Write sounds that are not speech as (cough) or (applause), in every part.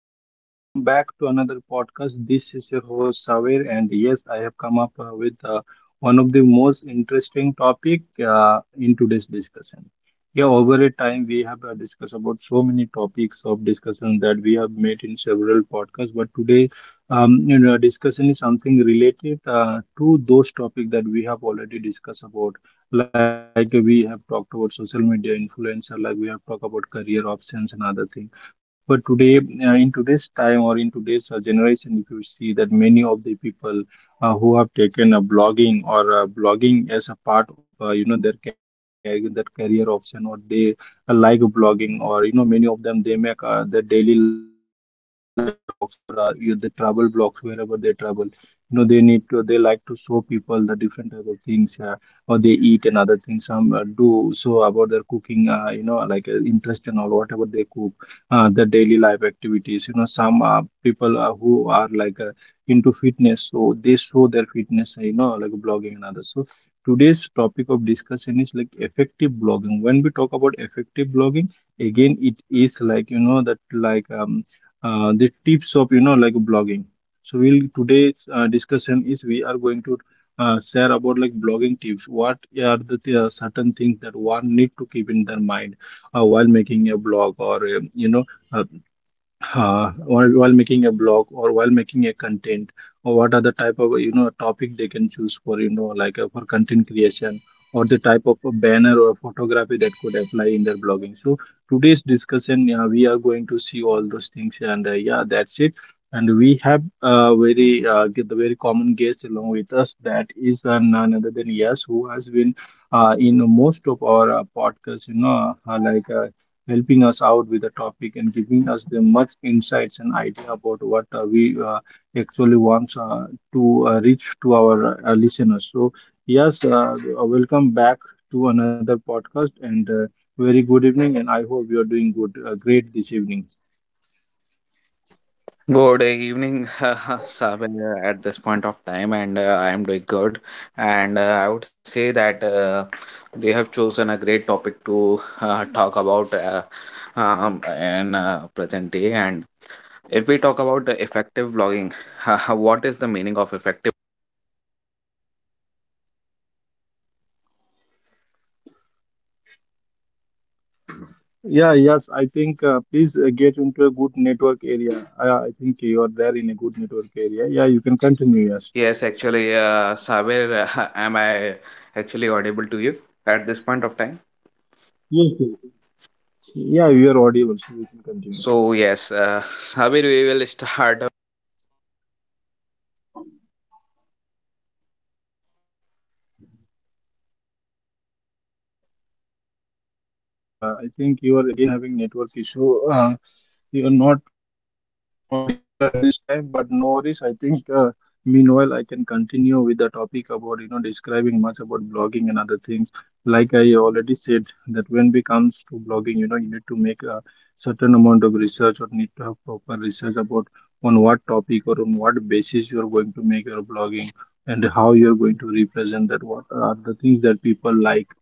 viewers. Welcome back to another podcast. This is your host Saver, and yes, I have come up with one of the most interesting topic in today's discussion. Yeah, over a time we have discussed about so many topics of discussion that we have made in several podcasts, but today you know, discussion is something related to those topics that we have already discussed about. Like we have talked about social media influencer, like we have talked about career options and other things, but today in today's time or in today's generation, if you see that many of the people who have taken blogging or blogging as a part of you know their career, that career option, or they like blogging, or you know many of them, they make their daily life blogs or you the travel blogs wherever they travel, you know they need to, they like to show people the different type of things, or they eat and other things, some do so about their cooking, you know like interest and all whatever they cook, the daily life activities, you know some people who are like into fitness, so they show their fitness you know like blogging and others. So today's topic of discussion is like effective blogging. When we talk about effective blogging, again it is like you know that like the tips of you know like blogging. So we'll today's discussion is we are going to share about like blogging tips, what are the certain things that one need to keep in their mind while making a blog or you know uh, or while making a blog or while making a content, or what are the type of you know topic they can choose for you know like for content creation, or the type of a banner or photography that could apply in their blogging. So today's discussion, yeah, we are going to see all those things, and yeah, that's it. And we have very get the very common guest along with us, that is none other than yes, who has been in most of our podcasts, you know like helping us out with the topic and giving us the much insights and idea about what we actually want to reach to our listeners. So, yes, welcome back to another podcast, and very good evening. And I hope you are doing good, great this evening. Good evening, (laughs) Sabir. At this point of time, and I am doing good. And I would say that they have chosen a great topic to talk about in present day. And if we talk about the effective blogging, (laughs) what is the meaning of effective? Yeah, yes, I think please get into a good network area. I think you are there in a good network area. Yeah, you can continue. Yes. Yes, actually, Saber, (laughs) am I actually audible to you at this point of time? Yes, yes. Yeah, you are audible, so you can continue. So, yes, (laughs) Saber, we will start. Yes, yes. I think you are again having network issue. You are not audible at this time, but no worries. I think meanwhile I can continue with the topic about you know describing much about blogging and other things. Like I already said that when it comes to blogging, you know you need to make a certain amount of research or need to have proper research about on what topic or on what basis you are going to make your blogging, and how you are going to represent that. What are the things that people like? uh,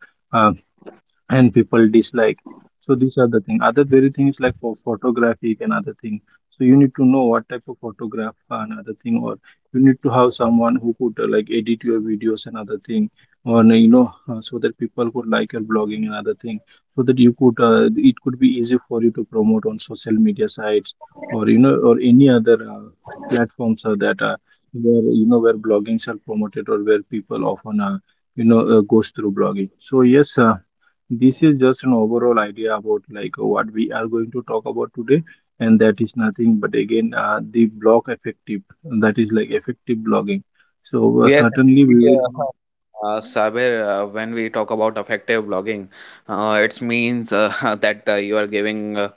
and people dislike. So these are the thing. Other very thing is like for photography and other thing. So you need to know what type of photograph and other thing, or you need to have someone who could like edit your videos and other thing, or so that people could like your blogging and other thing, so that you could it could be easy for you to promote on social media sites or you know, or any other platforms that where you know where bloggings are promoted or where people often you know goes through blogging. So yes, this is just an overall idea about like what we are going to talk about today, and that is nothing but again the blog effective, that is like effective blogging. Yes, So actually, certainly we will. Sabir, when we talk about effective blogging, it means (laughs) that you are giving uh,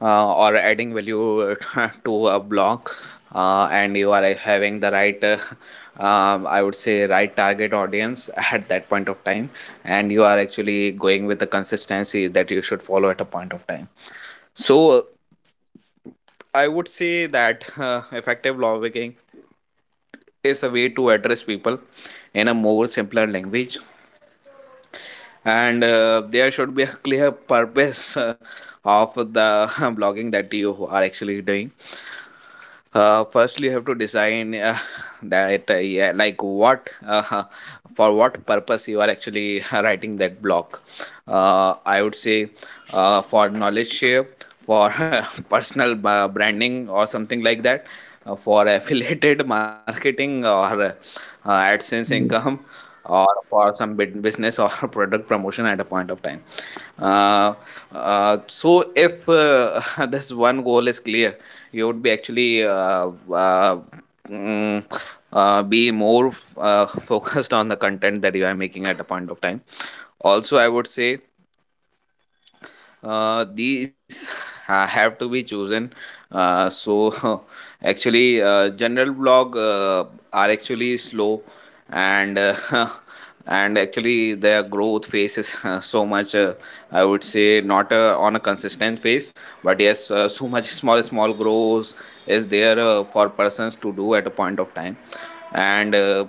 uh, or adding value (laughs) to a blog, and you are having the right, (laughs) I would say, right target audience (laughs) at that point of time, and you are actually going with the consistency that you should follow at a point of time. So I would say that (laughs) effective blogging is a way to address people in a more simpler language, and there should be a clear (laughs) purpose of the (laughs) blogging that you are actually doing. Firstly, you have to design that yeah, like what (laughs) for what purpose you are actually (laughs) writing that blog. I would say for knowledge share, for (laughs) personal branding or something like that, for affiliated (laughs) marketing or adsense income, or for some business or (laughs) product promotion at a point of time. uh, so if (laughs) this one goal is clear, you would be actually uh, mm, be more (laughs) focused on the content that you are making at a point of time. Also, I would say these (laughs) have to be chosen. So (laughs) actually, general blog are actually slow, and (laughs) and actually their growth phase is (laughs) so much. I would say not on a consistent phase, but yes, (laughs) so much small small growth is there for persons to do at a point of time, and.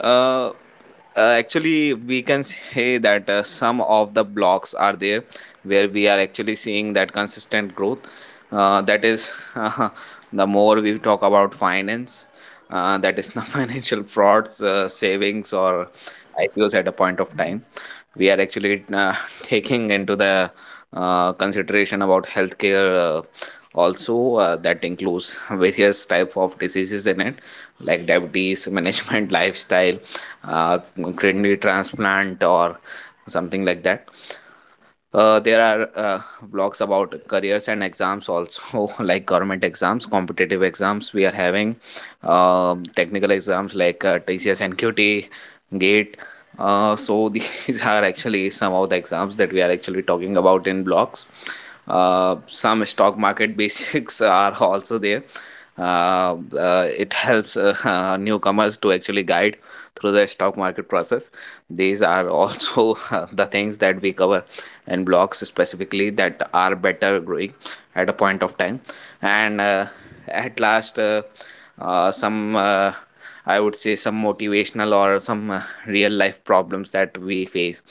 uh, actually we can say that some of the blocks are there where we are actually seeing that consistent growth. That is, (laughs) the more we talk about finance, that is the (laughs) financial frauds, savings, or IPOs at a point of time. We are actually (laughs) taking into the consideration about healthcare, also that includes (laughs) various type of diseases in it, like diabetes management, (laughs) lifestyle, uh, kidney transplant, or something like that. There are vlogs about careers and exams also, (laughs) like government exams, competitive exams. We are having technical exams like TCS and QT, GATE. So (laughs) these are actually some of the exams that we are actually talking about in blogs. Some stock market (laughs) basics are also there. It helps (laughs) newcomers to actually guide through the stock market process. These are also (laughs) the things that we cover, and blocks specifically that are better growing at a point of time. And At last, some I would say some motivational or some real life problems that we face,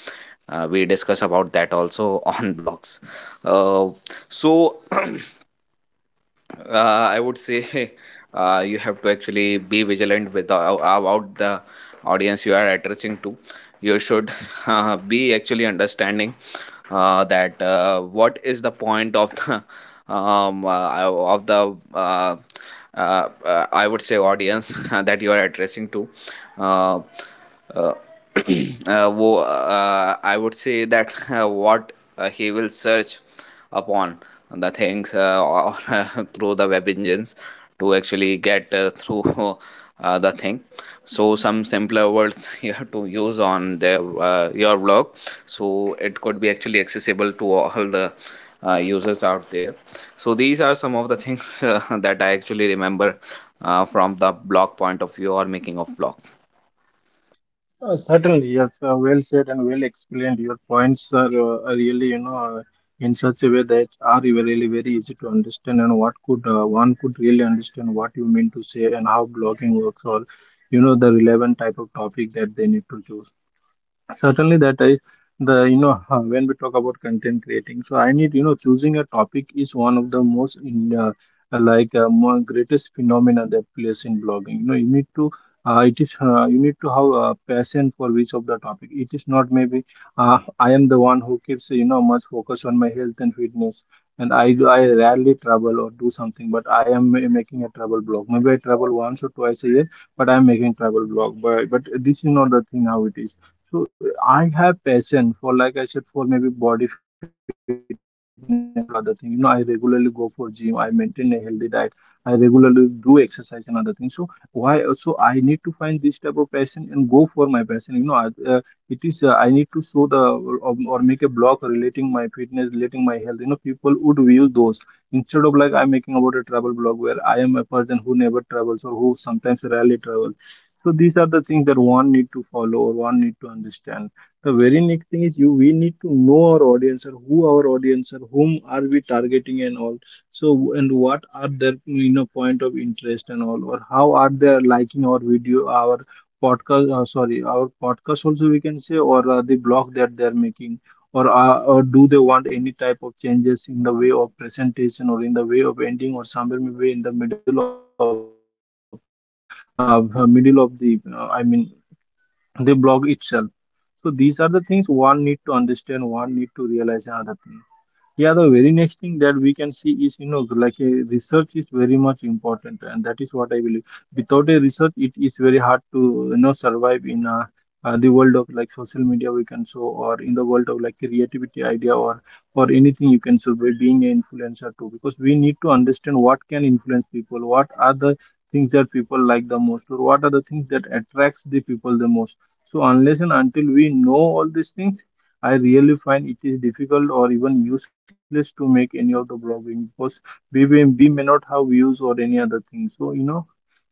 we discuss about that also (laughs) on blogs. uh, so (clears throat) I would say (laughs) you have to actually be vigilant with about the audience you are addressing to. You should (laughs) be actually understanding that what is the point of the um, uh, of the uh, I would say audience (laughs) that you are addressing to. Uh, uh, (clears throat) I would say that what he will search upon the things, or (laughs) through the web engines to actually get through (laughs) the thing. So some simpler words (laughs) you have to use on their your blog, so it could be actually accessible to all the users out there. So these are some of the things (laughs) that I actually remember from the blog point of view or making of blog. Certainly, yes. Well said and well explained. Your points are really, you know, in such a way that are really very easy to understand, and what could one could really understand what you mean to say and how blogging works, or you know, the relevant type of topic that they need to choose. Certainly that is the, you know, (laughs) when we talk about content creating, so I need, you know, choosing a topic is one of the most in like more greatest phenomena that plays in blogging. You know, you need to it is you need to have a passion for which of the topic it is. Not maybe I am the one who keeps, you know, much focus on my health and fitness, and I rarely travel or do something, but I am making a travel blog, maybe I travel once or twice a year, but I am making travel blog, but this is not the thing how it is. So I have passion for, like I said, for maybe body fitness or other thing. You know, I regularly go for gym. I maintain a healthy diet. I regularly do exercise and other things. So why? So I need to find this type of passion and go for my passion. You know, it is. I need to show the, or make a blog relating my fitness, relating my health. You know, people would view those instead of like I'm making about a travel blog where I am a person who never travels or who sometimes rarely travels. So these are the things that one need to follow or one need to understand. The very next thing is, you, we need to know our audience, or who our audience, or whom are we targeting and all. So and what are their, you know, point of interest and all, or how are they liking our video, our podcast, sorry, our podcast also we can say, or the blog that they're making, or do they want any type of changes in the way of presentation, or in the way of ending, or somewhere maybe in the middle of the I mean the blog itself. So these are the things one need to understand, one need to realize, and other things. Yeah, the very next thing that we can see is, you know, like a research is very much important, and that is what I believe. Without a research, it is very hard to, you know, survive in the world of like social media, we can show, or in the world of like creativity idea, or anything you can show by being an influencer too, because we need to understand what can influence people, what are the things that people like the most, or what are the things that attracts the people the most. So unless and until we know all these things, I really find it is difficult or even useless to make any of the blogging, because we may not have views or any other thing. So, you know,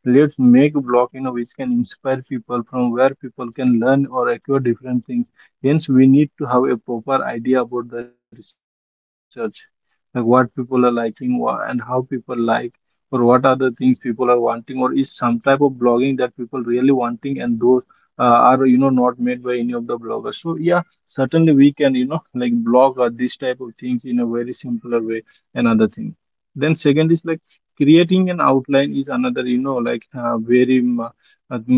let's make a blog, you know, which can inspire people, from where people can learn or acquire different things. Hence, we need to have a proper idea about the research, like what people are liking and how people like, or what are the things people are wanting, or is some type of blogging that people really wanting and those are, you know, not made by any of the bloggers. So yeah, certainly we can, you know, like blog or this type of things in a very simpler way. Another thing, then second is like creating an outline is another, you know, like very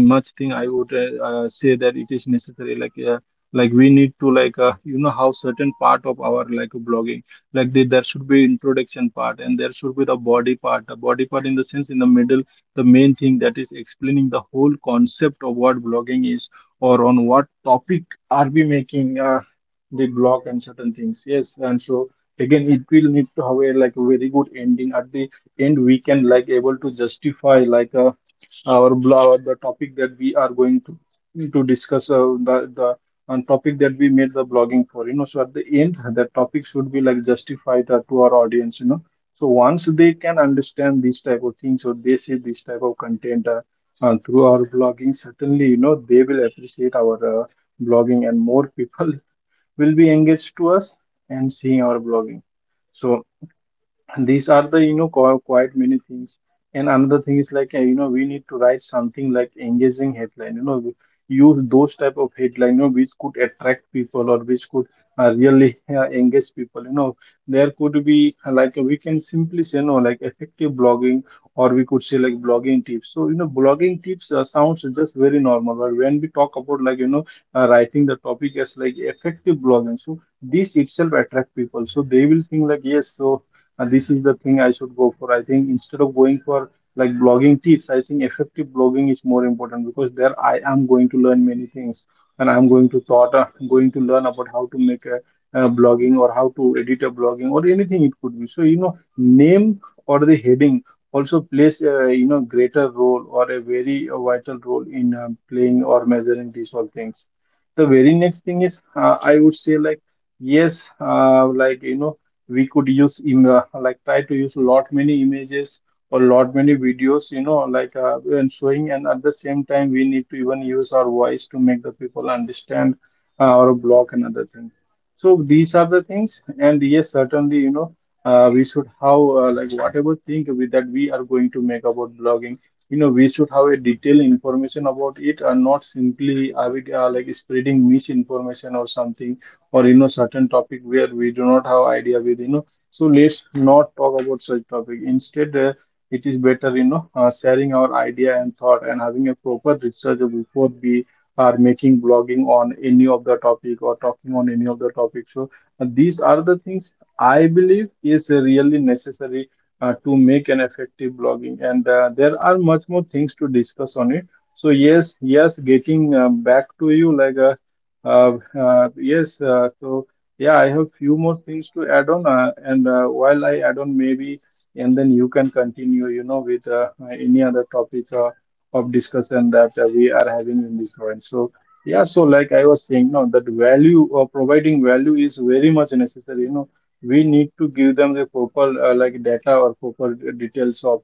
much thing I would say that it is necessary. Like like we need to like you know how certain part of our like blogging, like there should be introduction part, and there should be the body part, the body part in the sense in the middle, the main thing that is explaining the whole concept of what blogging is, or on what topic are we making the block and certain things, yes. And so again it will need to have a like a very good ending at the end, we can like able to justify like our the topic that we are going to discuss the topic that we made the blogging for, you know. So at the end that topic should be like justified to our audience, you know. So once they can understand these type of things or they see this type of content, through our blogging, certainly, you know, they will appreciate our blogging, and more people (laughs) will be engaged to us and seeing our blogging. So, and these are the, you know, Yes, Saber, quite at many this point things. of (laughs) And time, another thing I is would like really you know, we say need to that write something like this is a matter engaging of concern headline, you (laughs) know, that use those effective type of blogging should be headline, you know, there, which could attract that people, one or should which do. could really To, (laughs) I would engage say, people, you know. categorize There it could in be such a way like, we can simply say, you that know, like effective everyone blogging, should (laughs) or we get. could say like blogging tips. So you know, blogging tips sounds अरे just very यार, normal. But when we talk (laughs) about like, you know, writing the topic as like effective blogging, so this itself attract people, so they will think like, yes, so this is the thing I should go for. I think instead of going for like blogging tips, I think effective blogging is more important, because there I am going to learn many things, and I'm going to thought, going to learn about how to make a, blogging, or how to edit a blogging, or anything it could be. So, you know, name or the heading also plays, you know, greater role, or a very vital role in playing or measuring these all things. The very next thing is, I would say like, yes, like, you know, we could use like try to use lot many images or lot many videos, you know, like and showing, and at the same time we need to even use our voice to make the people understand our blog and other things. So these are the things, and yes, certainly, you know, we should have like whatever thing that we are going to make about blogging, you know, we should have a detailed information about it, and not simply like spreading misinformation or something, or you know, certain topic where we do not have idea with, you know. So let's not talk about such topic, instead it is better, you know, sharing our idea and thought, and having a proper research before we are making blogging on any of the topic, or talking on any of the topic. So these are the things I believe is really necessary to make an effective blogging. And there are much more things to discuss on it. So yes, yes, getting back to you like yes, so yeah, I have few more things to add on, and while I add on maybe, and then you can continue, you know, with any other topic of discussion that we are having in this point. So yeah, so like I was saying, no, that value or providing value is very much necessary. You know, we need to give them the proper like data or proper details of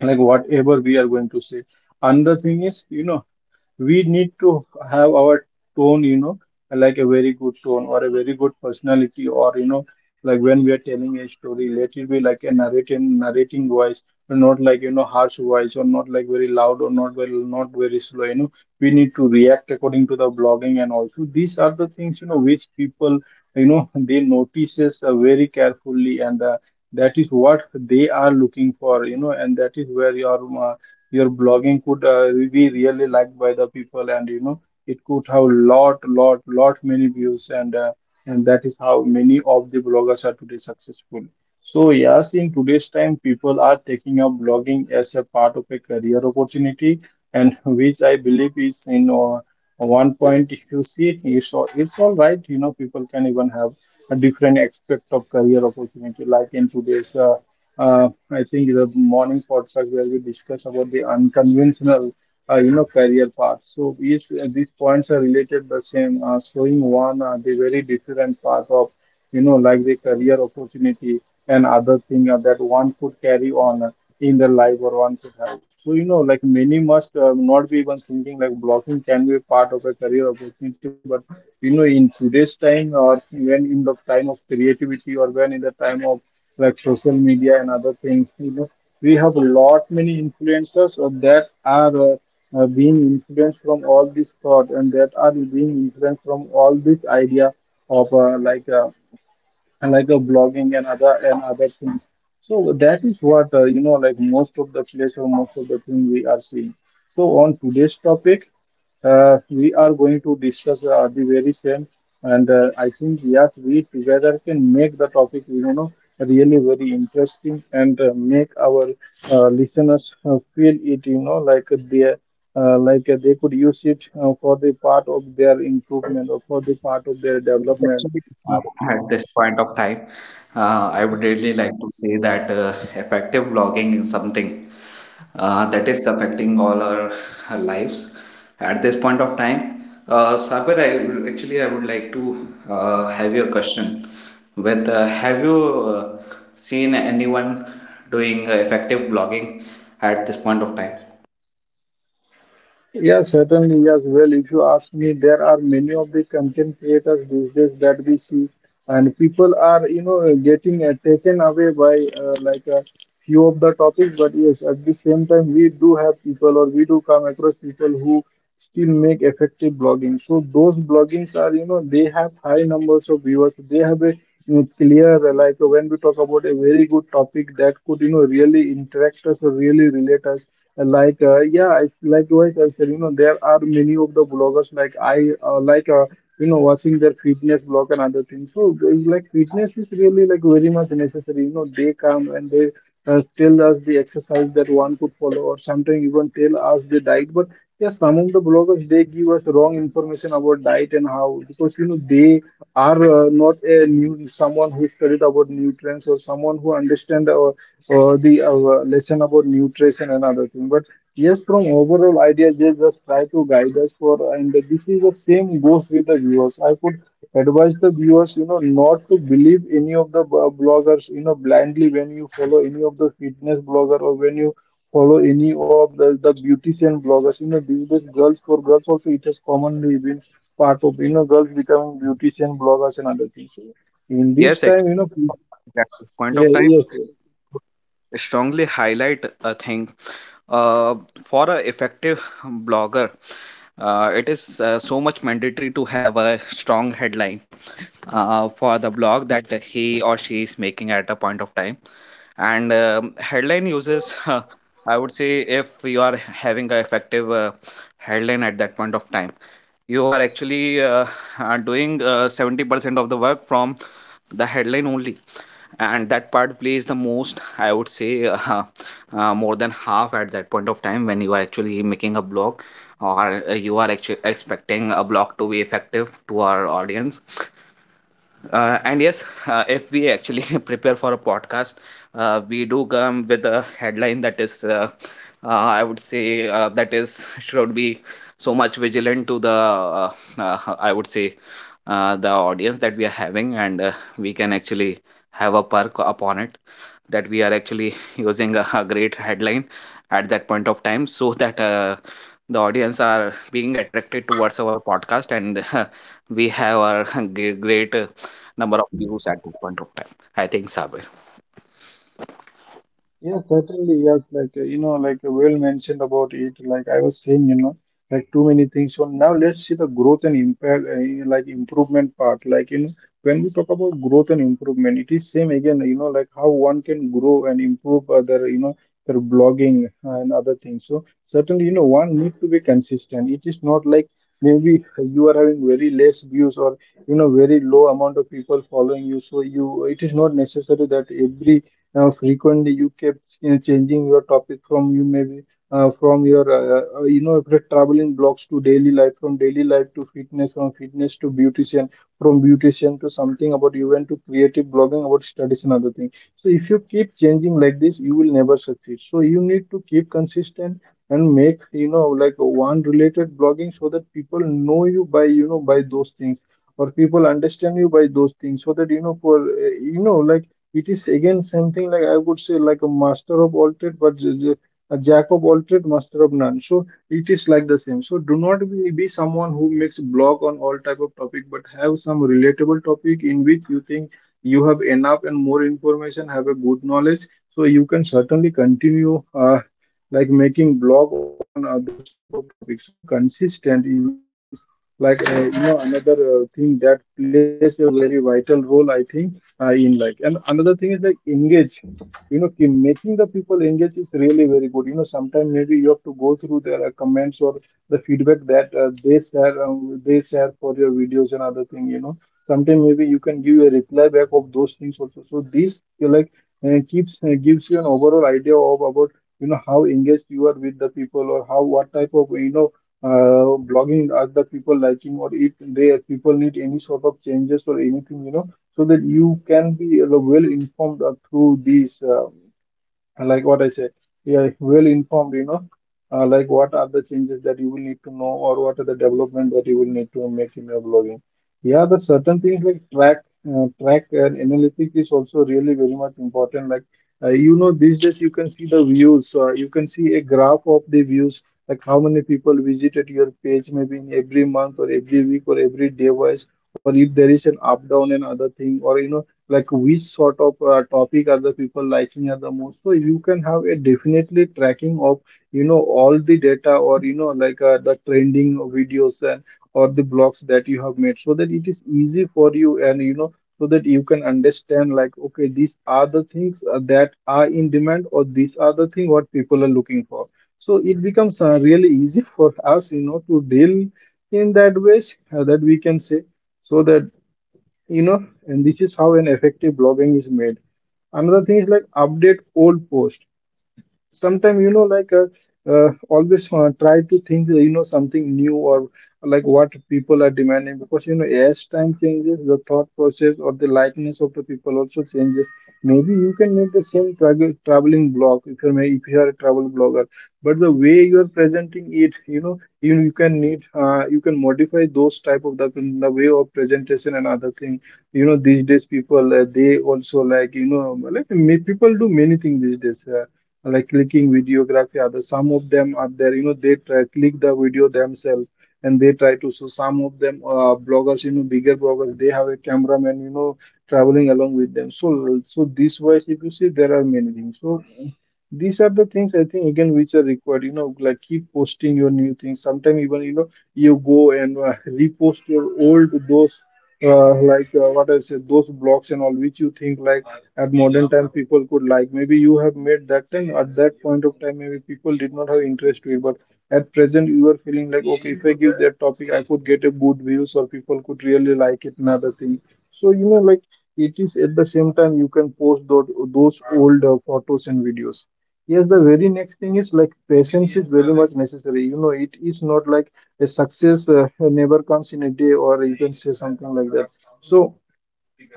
like whatever we are going to say. Another thing is, you know, we need to have our tone, you know, like a very good tone, or a very good personality, or you know, like when we are telling a story, let it be like a narrating voice, but not like, you know, harsh voice, or not like very loud, or not very slow. You know, we need to react according to the blogging. And also these are the things, you know, which people, you know, (laughs) they notices very carefully and. That is what they are looking for, you know, and that is where your blogging could be really liked by the people. And you know, it could have lot many views. And that is how many of the bloggers are today successful. So yes, in today's time people are taking up blogging as a part of a career opportunity, and which I believe is in one point, if you see, it's all right. You know, people can even have a different aspect of career opportunity, like in today's I think the morning podcast where we discuss about the unconventional, you know, career path. So these points are related the same, showing one the very different path of, you know, like the career opportunity, and other thing that one could carry on in their life, or one could have. So, you know, like many must not be even thinking like blocking can be part of a career opportunity, but you know, in today's time, or when in the time of creativity, or when in the time of like social media and other things, you know, we have a lot many influencers that are being influenced from all this thought, and that are being influenced from all this idea of like and like a blogging, and other things. So that is what you know, like most of the place or most of the thing we are seeing. So on today's topic, we are going to discuss the very same, and I think yes, we together can make the topic, you know, really very interesting, and make our listeners feel it, you know, like they they could use it for the part of their improvement, or for the part of their Yes, development. actually, Saber, at this point of time, I would really like to say that effective blogging is something that is affecting all our lives at this point of time. Saber, I actually I would like to have your question. With have you seen anyone doing effective blogging at this point of time? Yes, certainly. Yes. Well, if you ask me, there are many of the content creators these days that we see, and people are, you know, getting taken away by like a few of the topics. But yes, at the same time we do have people, or we do come across people who still make effective blogging. So those bloggings are, you know, they have high numbers of viewers, they have a, you know, clear when we talk about a very good topic that could, you know, really interact us or really relate us. Yeah, likewise I said, you know, there are many of the bloggers, like I you know, watching their fitness blog and other things. So it's like fitness is really like very much necessary. You know, they come and they tell us the exercise that one could follow, or sometimes even tell us the diet. But yes, some of the bloggers they give us wrong information about diet. And how, because you know, they are not a new someone who studied about nutrients, or someone who understand the lesson about nutrition and another thing. But yes, from overall idea, they just try to guide us for, and this is the same goes with the viewers. I would advise the viewers, you know, not to believe any of the bloggers, you know, blindly. When you follow any of the fitness blogger, or when you follow any of the beautician bloggers, you know, these days girls, for girls also it has commonly been part of, you know, girls becoming beautician bloggers and other things. So in this Yes, time, actually, you know, pe- at this point yeah, of time, yes, strongly highlight a thing. Uh, for an effective blogger, it is so much mandatory to have a strong headline for the blog that he or she is making at a point of time. And headline uses (laughs) I would say if you are having a effective headline at that point of time, you are actually are doing 70% of the work from the headline only, and that part plays the most, I would say, (laughs) more than half at that point of time when you are actually making a blog or you are actually expecting a blog to be effective to our audience. And yes, if we actually (laughs) prepare for a podcast, we do come with a headline that is, I would say, that is (laughs) should be so much vigilant to the, I would say, the audience that we are having, and we can actually have a perk upon it that we are actually (laughs) using a great headline at that point of time, so (laughs) that the audience are being attracted towards our podcast, and (laughs) we have our (laughs) great, great number of views at that point of time. I think, Sabir. yeah, certainly, yes. Like, you know, like well mentioned about it. Like I was saying, you know, like too many things. So now let's see the growth and impact, like improvement part. Like, you know, when we talk about growth and improvement, it is same again, you know, like how one can grow and improve other, you know, their blogging and other things. So certainly, you know, one need to be consistent. It is not like maybe you are having very less views, or, you know, very low amount of people following you. So you, it is not necessary that every frequently you kept changing your topic from you maybe from your you know, traveling blogs to daily life, from daily life to fitness, from fitness to beautician, from beautician to something about you went to creative blogging about studies and other things. So if you keep changing like this, you will never succeed. So you need to keep consistent and make, you know, like one related blogging, so that people know you by, you know, by those things, or people understand you by those things. So that you know, for you know, like, it is again something like I would say like a master of all trade, but a jack of all trade, master of none. So it is like the same. So do not be, be someone who makes blog on all type of topic, but have some relatable topic in which you think you have enough and more information, have a good knowledge. So you can certainly continue like making blog on those type of topics. So consistent is like you know another thing that plays a very vital role, I think in like and another thing is like engage, you know, keep making the people engage is really very good. You know sometimes maybe you have to go through their comments or the feedback that they share for your videos and other thing, you know, sometimes maybe you can give a reply back of those things also. So this you like keeps gives you an overall idea of about, you know, how engaged you are with the people or how what type of, you know, blogging are the people liking, or if they people need any sort of changes or anything, you know, so that you can be well informed through these. And like what I said, you are well informed, you know, like what are the changes that you will need to know or what are the development that you will need to make in your blogging. Yeah, the certain things like track, track and analytic is also really very much important. Like, you know, these days you can see the views, you can see a graph of the views, like how many people visited your page maybe in every month or every week or every day wise, or if there is an up down and other thing, or you know, like which sort of topic are the people liking are the most. So you can have a definitely tracking of, you know, all the data, or you know like the trending videos and or the blogs that you have made, so that it is easy for you. And you know so that you can understand like okay these are the things that are in demand or these are the thing what people are looking for. So it becomes really easy for us, you know, to deal in that ways that we can say. So that, you know, and this is how an effective blogging is made. Another thing is like update old post. Sometimes you know like always try to think, you know, something new, or like what people are demanding, because you know as time changes the thought process or the likeness of the people also changes. Maybe you can make the same traveling blog if you're if you are a travel blogger, but the way you are presenting it, you know, you can need you can modify those type of the way of presentation and other thing. You know, these days people they also like, you know, like people do many things these days. Like clicking videography other, some of them are there, you know, they try click the video themselves, and they try to, so some of them bloggers, you know, bigger bloggers, they have a cameraman, you know, traveling along with them. So so this wise if you see there are many things. So these are the things I think again which are required, you know, like keep posting your new things. Sometimes even, you know, you go and repost your old those like what I said, those blogs and all, which you think like at modern time people could like. Maybe you have made that time at that point of time, maybe people did not have interest to it, but at present you are feeling like okay, if I give that topic I could get a good views or people could really like it and other thing. So you know like it is at the same time you can post those old photos and videos. Yes, the very next thing is like patience is very much necessary. You know it is not like a success never comes in a day, or you can say something like that. So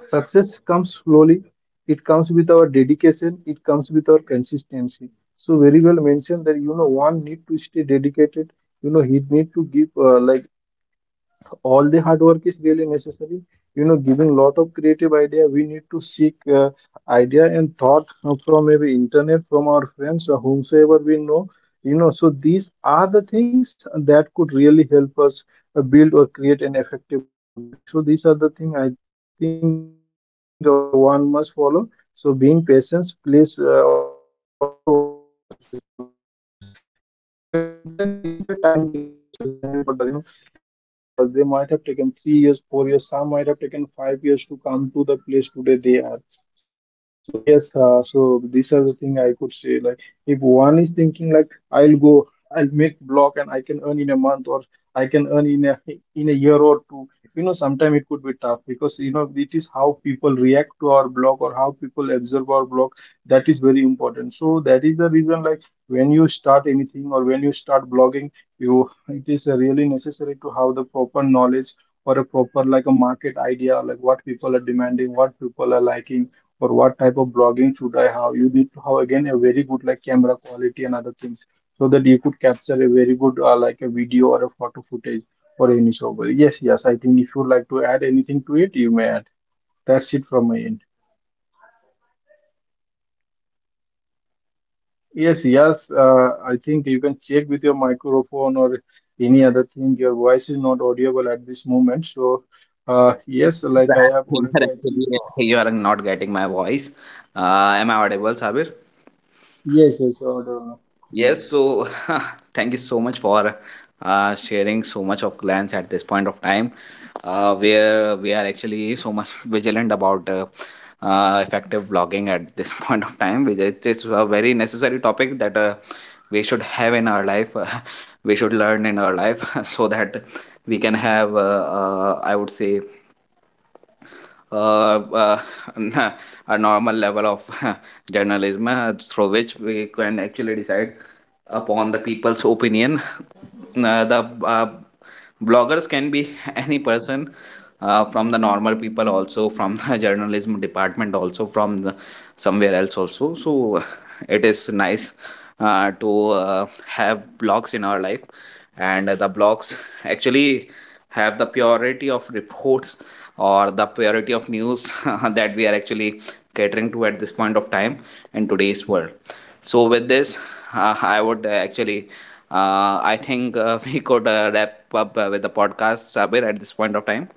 success comes slowly. It comes with our dedication. It comes with our consistency. So very well mentioned that, you know, one need to stay dedicated. You know he need to give like all the hard work is really necessary. You know, giving lot of creative idea, we need to seek idea and thought from maybe internet, from our friends, or whomsoever we know. You know, so these are the things that could really help us build or create an effective blogging. So these are the thing I think one must follow. So being patience plays also one of the successful role, because you know you can, like this is a time taking process when you talk about blogger. You know there are many of the bloggers, they might have taken 3 years, 4 years, some might have taken 5 years to come to the place today they are. So yes, so these are the thing I could say. Like if one is thinking like I'll go, I'll make blog and I can earn in a month, or I can earn in a year or two. You know, sometimes it could be tough, because you know it is how people react to our blog or how people observe our blog. That is very important. So that is the reason like when you start anything or when you start blogging, you it is really necessary to have the proper knowledge, or a proper like a market idea, like what people are demanding, what people are liking, or what type of blogging should I have. You need to have again a very good like camera quality and other things, so that you could capture a very good like a video or a photo footage or any show. Yes, yes, I think if you would like to add anything to it, you may add. That's it from my end. Yes, yes. I think you can check with your microphone or any other thing. Your voice is not audible at this moment. So, yes, like (laughs) I have You are already, I think. actually you are not getting my voice. Am I audible, Sabir? Yes, yes, audible. Yes. So (laughs) thank you so much for sharing so much of glance at this point of time, where we are actually so much (laughs) vigilant about effective vlogging at this (laughs) point of time, which it is it's a very necessary topic that we should have in our life, (laughs) we should learn in our life, (laughs) so that we can have I would say uh, uh, (laughs) a normal level of (laughs) journalism through which we can actually decide upon the people's opinion. The bloggers can be (laughs) any person from the normal people also, from the (laughs) journalism department also, from the somewhere else also. So it is nice to have blogs in our life, and the blogs actually have the purity of reports or the priority of news (laughs) that we are actually catering to at this point of time in today's world. So, with this, I would actually, I think (laughs) we could wrap up with the podcast, Sabir, at this point of time.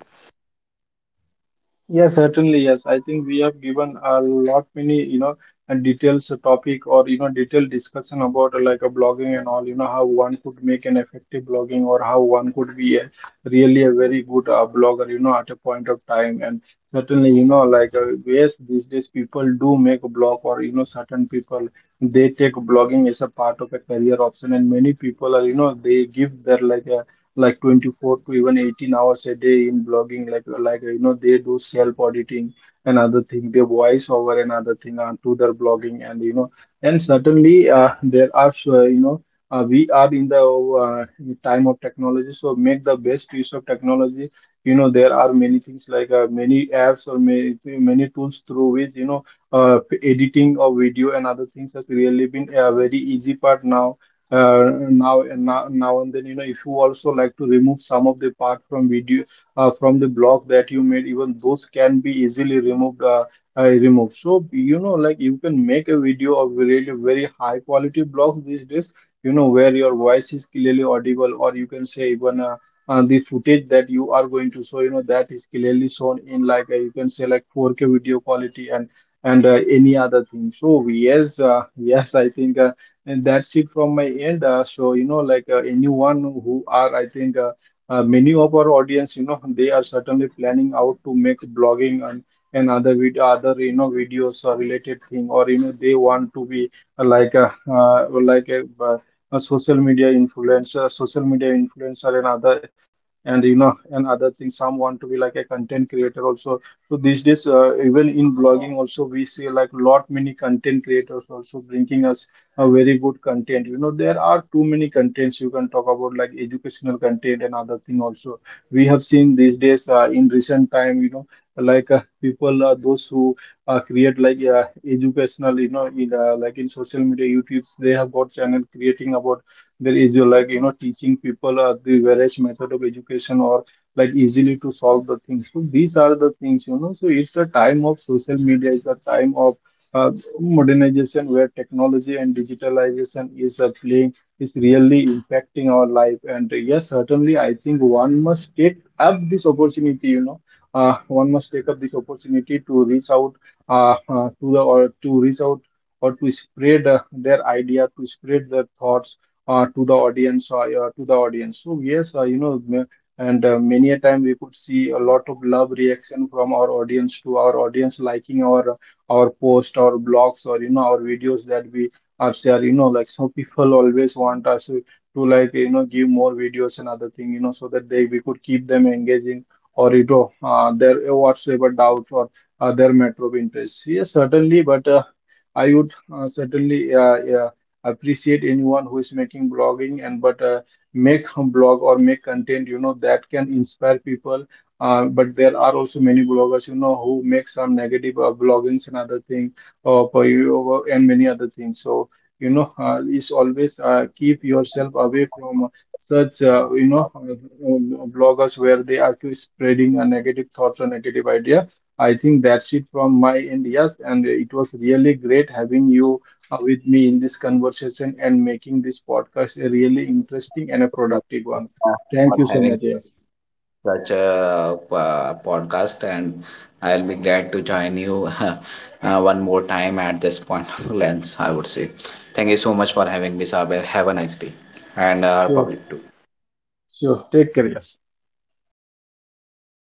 Yes, certainly. Yes, I think we have given a lot many, you know, details topic, or you know detailed discussion about like a blogging and all. You know how one could make an effective blogging, or how one could be a, really a very good blogger. You know at a point of time. And certainly you know like yes these days people do make a blog, or you know certain people, they take blogging as a part of a career option. And many people are, you know, they give their like a like 24 to even 18 hours a day in blogging, like you know, they do self auditing and other thing, they voice over another thing to their blogging. And you know and certainly there are you know we are in the time of technology, so make the best use of technology. You know there are many things like many apps or many, many tools through which you know editing of video and other things has really been a very easy part now. Now and now, now and then, you know, if you also like to remove some of the part from video from the block that you made, even those can be easily removed removed. So you know like you can make a video of really very high quality block these days, you know, where your voice is clearly audible, or you can say even the footage that you are going to show, you know, that is clearly shown in like you can say like 4K video quality and any other thing. So yes, (laughs) yes I think and that's it from my end. So, you know, like anyone who are, I think, many of our audience, you know, they are certainly planning out to make blogging and other video, other, you know, videos or related thing, or, you know, they want to be like a social media influencer and other, and, you know, and other things. Some want to be like a content creator also. So these days, even in blogging also, we see like lot many content creators also bringing us a very good content. You know there are too many contents, you can talk about like educational content and other thing also. We have seen these days in recent time, you know, like people those who create like educational you know in, like in social media youtube, they have got channel creating about. There is your like you know teaching people the various method of education, or like easily to solve the things. So these are the things you know. So it's the time of social media, it's the time of uh, modernization where technology and digitalization is playing is really impacting our life. And yes certainly I think one must take up this opportunity, you know, one must take up this opportunity to reach out to the, or to reach out or to spread their idea, to spread their thoughts to the audience, or yeah, to the audience. So yes you know and many a time we could see a lot of love reaction from our audience, to our audience liking our posts our blogs, or you know our videos that we are share, you know like. So people always want us to, like you know give more videos and other thing, you know, so that they we could keep them engaging, or you know their whatsoever doubts or their matter of interest. Yes certainly but I would certainly yeah, appreciate anyone who is making blogging and but make a blog or make content, you know, that can inspire people. But there are also many bloggers, you know, who make some negative bloggings and other things, for you, and many other things. So, you know, is always keep yourself away from such, you know, bloggers where they are to spreading a negative thoughts or negative idea. I think that's it from my end. Yes, and it was really great having you with me in this conversation and making this podcast a really interesting and a Much, productive one. uh, Thank for you so having much. Yes. such a podcast, and I'll be glad to join you (laughs) one more time at this point of lens, I would say. Thank you so much for having me, Sabir. Have a nice day, and our Sure. public too. Si usted cree